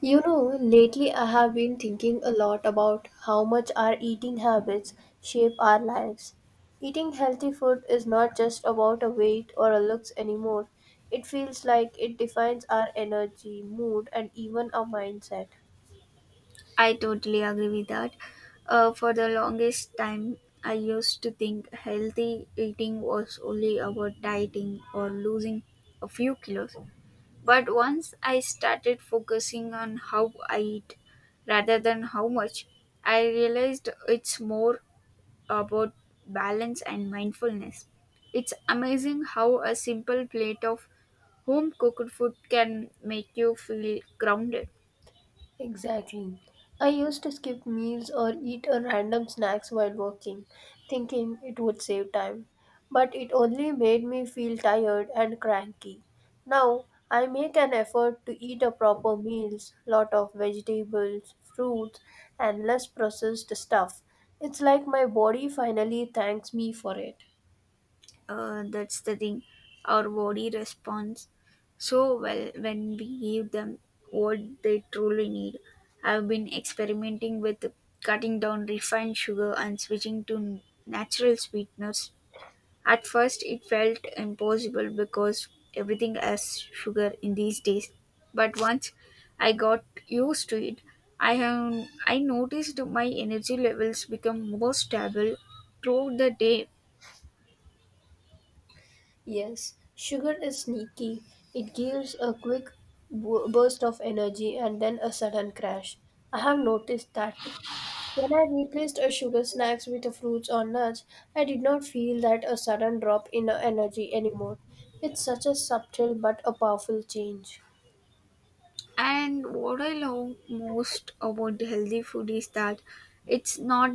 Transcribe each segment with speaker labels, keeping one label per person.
Speaker 1: You know, lately I have been thinking a lot about how much our eating habits shape our lives. Eating healthy food is not just about a weight or a looks anymore. It feels like it defines our energy, mood, and even our mindset.
Speaker 2: I totally agree with that. For the longest time, I used to think healthy eating was only about dieting or losing a few kilos. But once I started focusing on how I eat rather than how much, I realized it's more about balance and mindfulness. It's amazing how a simple plate of home cooked food can make you feel grounded.
Speaker 1: Exactly. I used to skip meals or eat a random snacks while working, thinking it would save time. But it only made me feel tired and cranky. Now I make an effort to eat a proper meals, lot of vegetables, fruits, and less processed stuff. It's like my body finally thanks me for it.
Speaker 2: That's the thing, our body responds so well when we give them what they truly need. I've been experimenting with cutting down refined sugar and switching to natural sweeteners. At first it felt impossible because everything has sugar in these days. But once I got used to it, I noticed my energy levels become more stable throughout the day.
Speaker 1: Yes, sugar is sneaky. It gives a quick burst of energy and then a sudden crash. I have noticed that. When I replaced a sugar snacks with a fruits or nuts, I did not feel that a sudden drop in energy anymore. It's such a subtle but a powerful change.
Speaker 2: And what I love most about the healthy food is that it's not,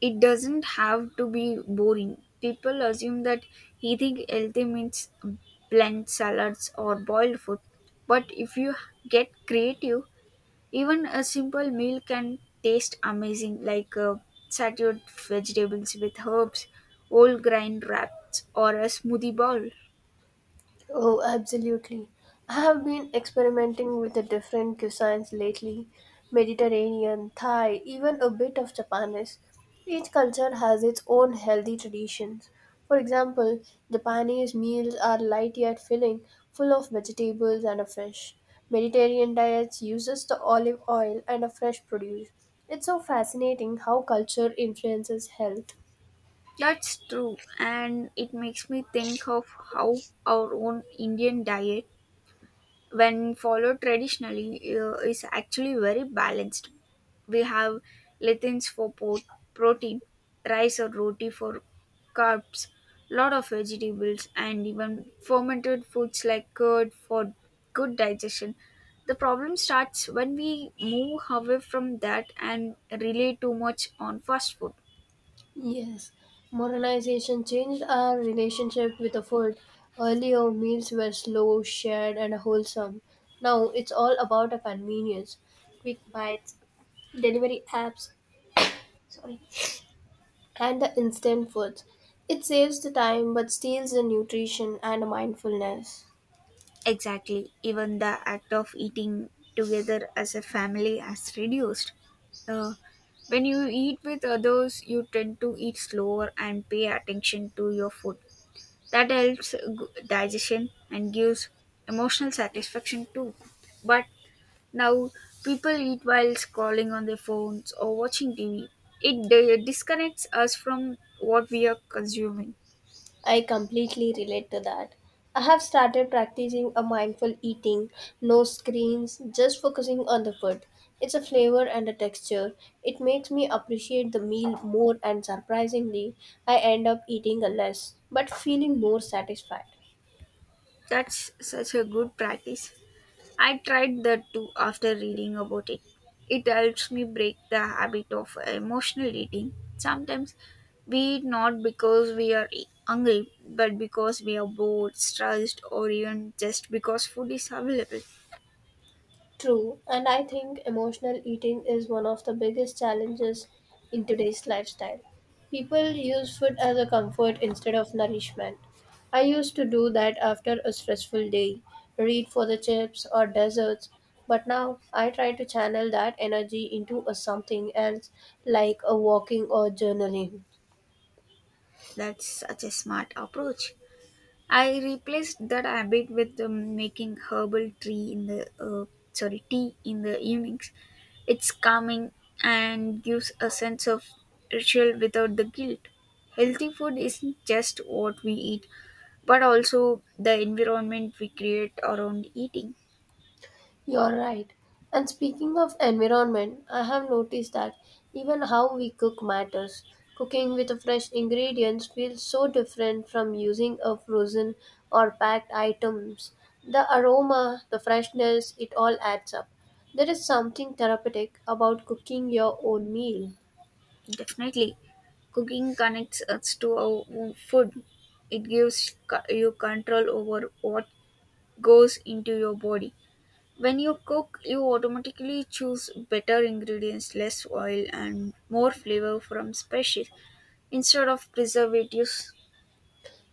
Speaker 2: it doesn't have to be boring. People assume that eating healthy means bland salads or boiled food. But if you get creative, even a simple meal can taste amazing, like saturated vegetables with herbs, whole grain wraps, or a smoothie bowl.
Speaker 1: Oh, absolutely. I have been experimenting with the different cuisines lately Mediterranean, Thai, even a bit of Japanese. Each culture has its own healthy traditions. For example, Japanese meals are light yet filling, full of vegetables and a fish. Mediterranean diets uses the olive oil and a fresh produce. It's so fascinating how culture influences health.
Speaker 2: That's true, and it makes me think of how our own Indian diet, when followed traditionally, is actually very balanced. We have lentils for protein, rice or roti for carbs, lot of vegetables, and even fermented foods like curd for good digestion. The problem starts when we move away from that and rely too much on fast food.
Speaker 1: Yes, modernization changed our relationship with the food. Earlier, meals were slow, shared, and wholesome. Now it's all about a convenience, quick bites, delivery apps, sorry, and the instant foods. It saves the time but steals the nutrition and mindfulness.
Speaker 2: Exactly. Even the act of eating together as a family has reduced. Uh, when you eat with others, you tend to eat slower and pay attention to your food. That helps digestion and gives emotional satisfaction too. But now people eat while scrolling on their phones or watching TV. It disconnects us from what we are consuming.
Speaker 1: I completely relate to that. I have started practicing a mindful eating, no screens, just focusing on the food. It's a flavor and a texture. It makes me appreciate the meal more, and surprisingly, I end up eating less but feeling more satisfied.
Speaker 2: That's such a good practice. I tried that too after reading about it. It helps me break the habit of emotional eating. Sometimes we eat not because we are hungry, but because we are bored, stressed, or even just because food is available.
Speaker 1: True, and I think emotional eating is one of the biggest challenges in today's lifestyle. People use food as a comfort instead of nourishment. I used to do that after a stressful day, read for the chips or desserts, but now I try to channel that energy into a something else like a walking or journaling.
Speaker 2: That's such a smart approach. I replaced that habit with making herbal tea in the sorry tea in the evenings. It's calming and gives a sense of ritual without the guilt. Healthy food isn't just what we eat, but also the environment we create around eating.
Speaker 1: You're right. And speaking of environment, I have noticed that even how we cook matters. Cooking with fresh ingredients feels so different from using a frozen or packed items. The aroma, the freshness, it all adds up. There is something therapeutic about cooking your own meal.
Speaker 2: Definitely, cooking connects us to our own food. It gives you control over what goes into your body. When you cook, you automatically choose better ingredients, less oil, and more flavor from spices instead of preservatives.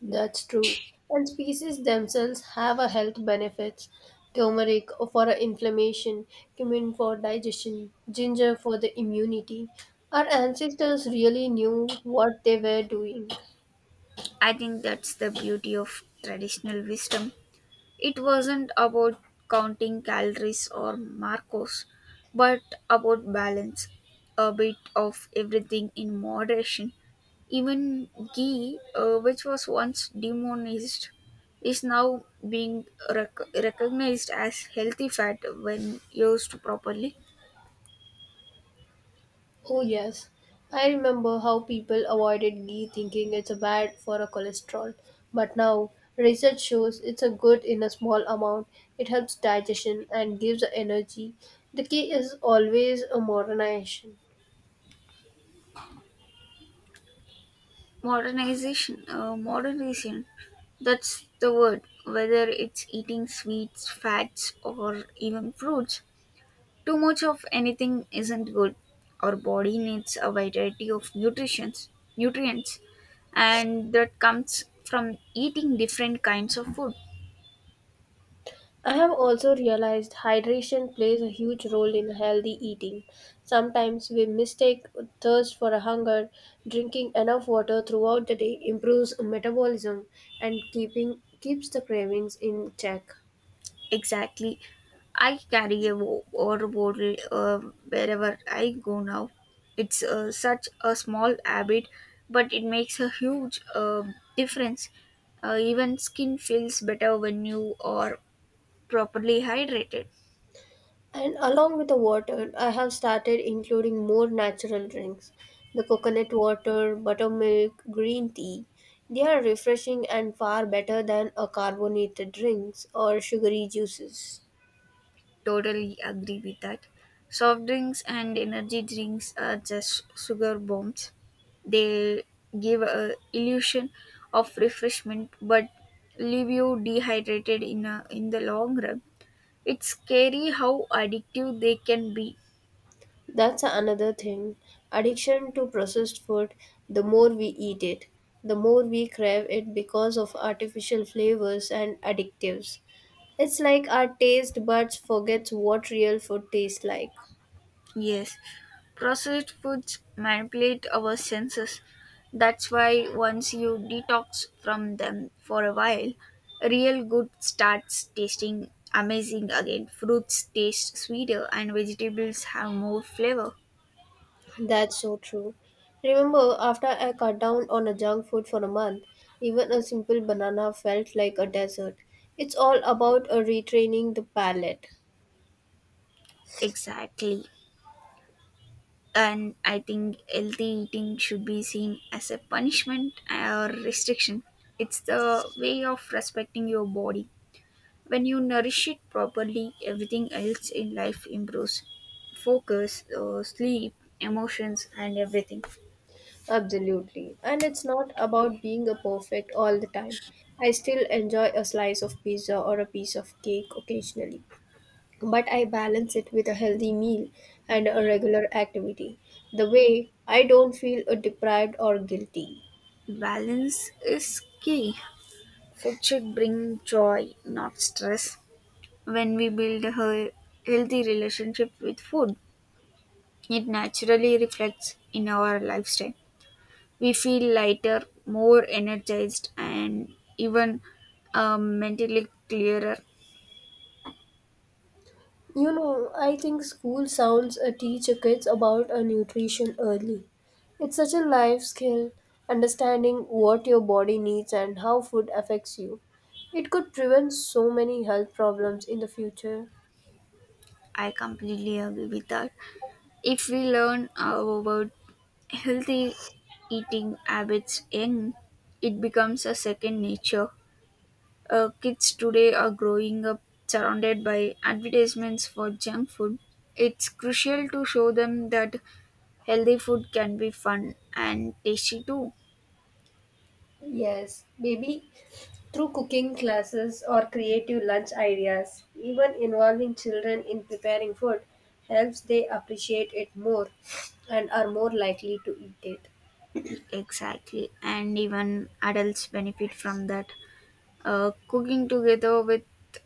Speaker 1: That's true. And species themselves have a health benefits. Turmeric for inflammation, cumin for digestion, ginger for the immunity. Our ancestors really knew what they were doing.
Speaker 2: I think that's the beauty of traditional wisdom. It wasn't about counting calories or macros, but about balance, a bit of everything in moderation. Even ghee, which was once demonized, is now being recognized as healthy fat when used properly.
Speaker 1: Oh yes, I remember how people avoided ghee thinking it's bad for a cholesterol. But now research shows it's a good in a small amount. It helps digestion and gives energy. The key is always a modernization.
Speaker 2: Modernization, that's the word. Whether it's eating sweets, fats, or even fruits, too much of anything isn't good. Our body needs a variety of nutrients, and that comes from eating different kinds of food.
Speaker 1: I have also realized hydration plays a huge role in healthy eating. Sometimes we mistake thirst for a hunger. Drinking enough water throughout the day improves metabolism and keeping keeps the cravings in check.
Speaker 2: Exactly. I carry a water bottle wherever I go now. It's such a small habit, but it makes a huge difference. Even skin feels better when you are properly hydrated.
Speaker 1: And along with the water, I have started including more natural drinks. The coconut water, buttermilk, green tea. They are refreshing and far better than a carbonated drinks or sugary juices.
Speaker 2: Totally agree with that. Soft drinks and energy drinks are just sugar bombs. They give a illusion of refreshment but leave you dehydrated in the long run. It's scary how addictive they can be.
Speaker 1: That's another thing. Addiction to processed food, the more we eat it, the more we crave it because of artificial flavors and additives. It's like our taste buds forgets what real food tastes like.
Speaker 2: Yes, processed foods manipulate our senses. That's why once you detox from them for a while, real good starts tasting amazing again. Fruits taste sweeter and vegetables have more flavor.
Speaker 1: That's so true. Remember, after I cut down on a junk food for a month, even a simple banana felt like a dessert. It's all about a retraining the palate.
Speaker 2: Exactly. And I think healthy eating should be seen as a punishment or restriction. It's the way of respecting your body. When you nourish it properly, everything else in life improves, focus, sleep, emotions, and everything.
Speaker 1: Absolutely. And it's not about being a perfect all the time. I still enjoy a slice of pizza or a piece of cake occasionally, but I balance it with a healthy meal and a regular activity. The way I don't feel deprived or guilty.
Speaker 2: Balance is key. Food should bring joy, not stress. When we build a healthy relationship with food, it naturally reflects in our lifestyle. We feel lighter, more energized, and even mentally clearer.
Speaker 1: You know, I think school sounds teach kids about nutrition early. It's such a life skill, understanding what your body needs and how food affects you. It could prevent so many health problems in the future.
Speaker 2: I completely agree with that. If we learn about healthy eating habits young, it becomes a second nature. Kids today are growing up surrounded by advertisements for junk food. It's crucial to show them that healthy food can be fun and tasty too.
Speaker 1: Yes, maybe through cooking classes or creative lunch ideas, even involving children in preparing food helps they appreciate it more and are more likely to eat it.
Speaker 2: Exactly, and even adults benefit from that. Cooking together with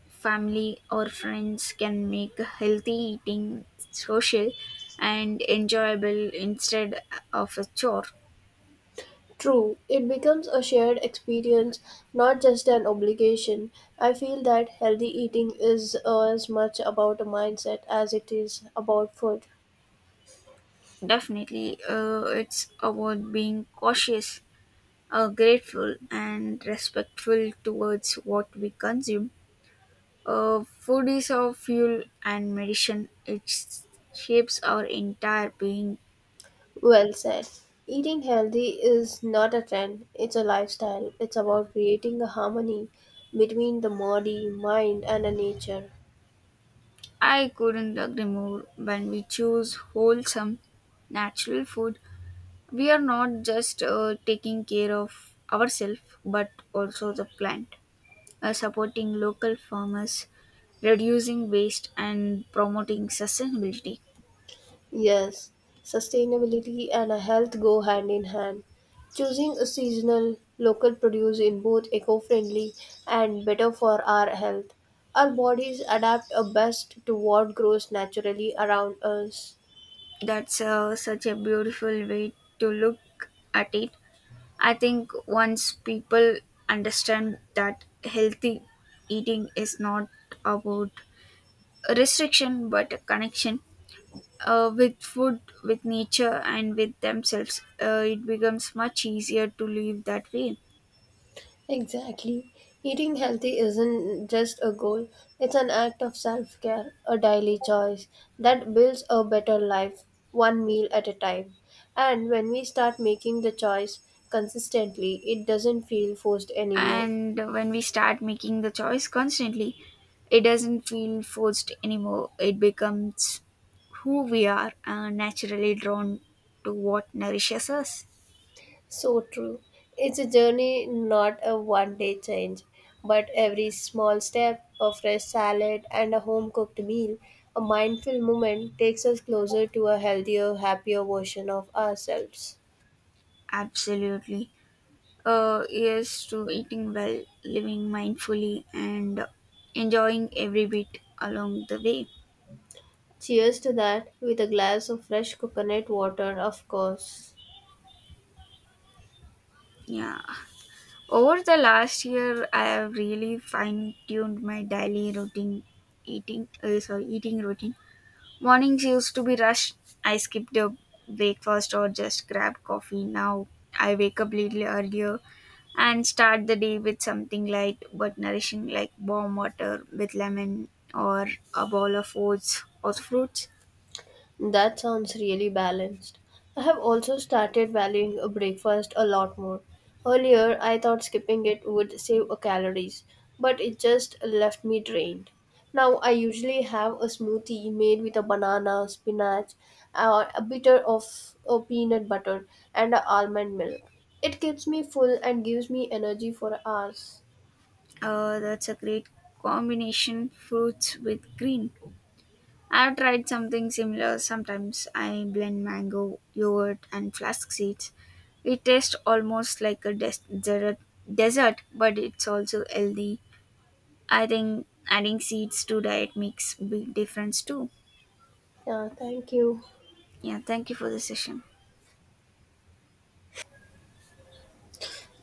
Speaker 2: family or friends can make healthy eating social and enjoyable instead of a chore.
Speaker 1: True, it becomes a shared experience, not just an obligation. I feel that healthy eating is as much about a mindset as it is about food.
Speaker 2: Definitely, it's about being cautious, grateful, and respectful towards what we consume. Food is our fuel and medicine. It shapes our entire being.
Speaker 1: Well said. Eating healthy is not a trend, it's a lifestyle. It's about creating a harmony between the body, mind, and the nature.
Speaker 2: I couldn't agree more. When we choose wholesome, natural food, we are not just taking care of ourselves but also the plant, supporting local farmers, reducing waste and promoting sustainability.
Speaker 1: Yes, sustainability and a health go hand in hand. Choosing a seasonal, local produce in both eco friendly and better for our health. Our bodies adapt a best to what grows naturally around us.
Speaker 2: That's such a beautiful way to look at it. I think once people understand that healthy eating is not about restriction but a connection with food, with nature, and with themselves, it becomes much easier to live that way.
Speaker 1: Exactly. Eating healthy isn't just a goal, it's an act of self care, a daily choice that builds a better life, one meal at a time. And when we start making the choice consistently, it doesn't feel forced anymore.
Speaker 2: And when we start making the choice constantly, it doesn't feel forced anymore. It becomes who we are, naturally drawn to what nourishes us.
Speaker 1: So true. It's a journey, not a one day change. But every small step, a fresh salad, and a home cooked meal, a mindful moment takes us closer to a healthier, happier version of ourselves.
Speaker 2: Absolutely. Yes, to eating well, living mindfully, and enjoying every bit along the way.
Speaker 1: Cheers to that, with a glass of fresh coconut water, of course.
Speaker 2: Yeah, over the last year, I have really fine tuned my daily routine, eating routine. Mornings used to be rushed. I skipped a breakfast or just grabbed coffee. Now I wake up little earlier and start the day with something light but nourishing, like warm water with lemon or a bowl of oats or fruits.
Speaker 1: That sounds really balanced. I have also started valuing a breakfast a lot more. Earlier, I thought skipping it would save a calories, but it just left me drained. Now, I usually have a smoothie made with a banana, spinach, a bit of peanut butter, and a almond milk. It keeps me full and gives me energy for hours.
Speaker 2: That's a great combination, fruits with green. I've tried something similar sometimes. I blend mango, yogurt, and flask seeds. It tastes almost like a dessert, but it's also healthy. I think adding seeds to diet makes big difference too.
Speaker 1: Yeah, thank you.
Speaker 2: Yeah, thank you for the session.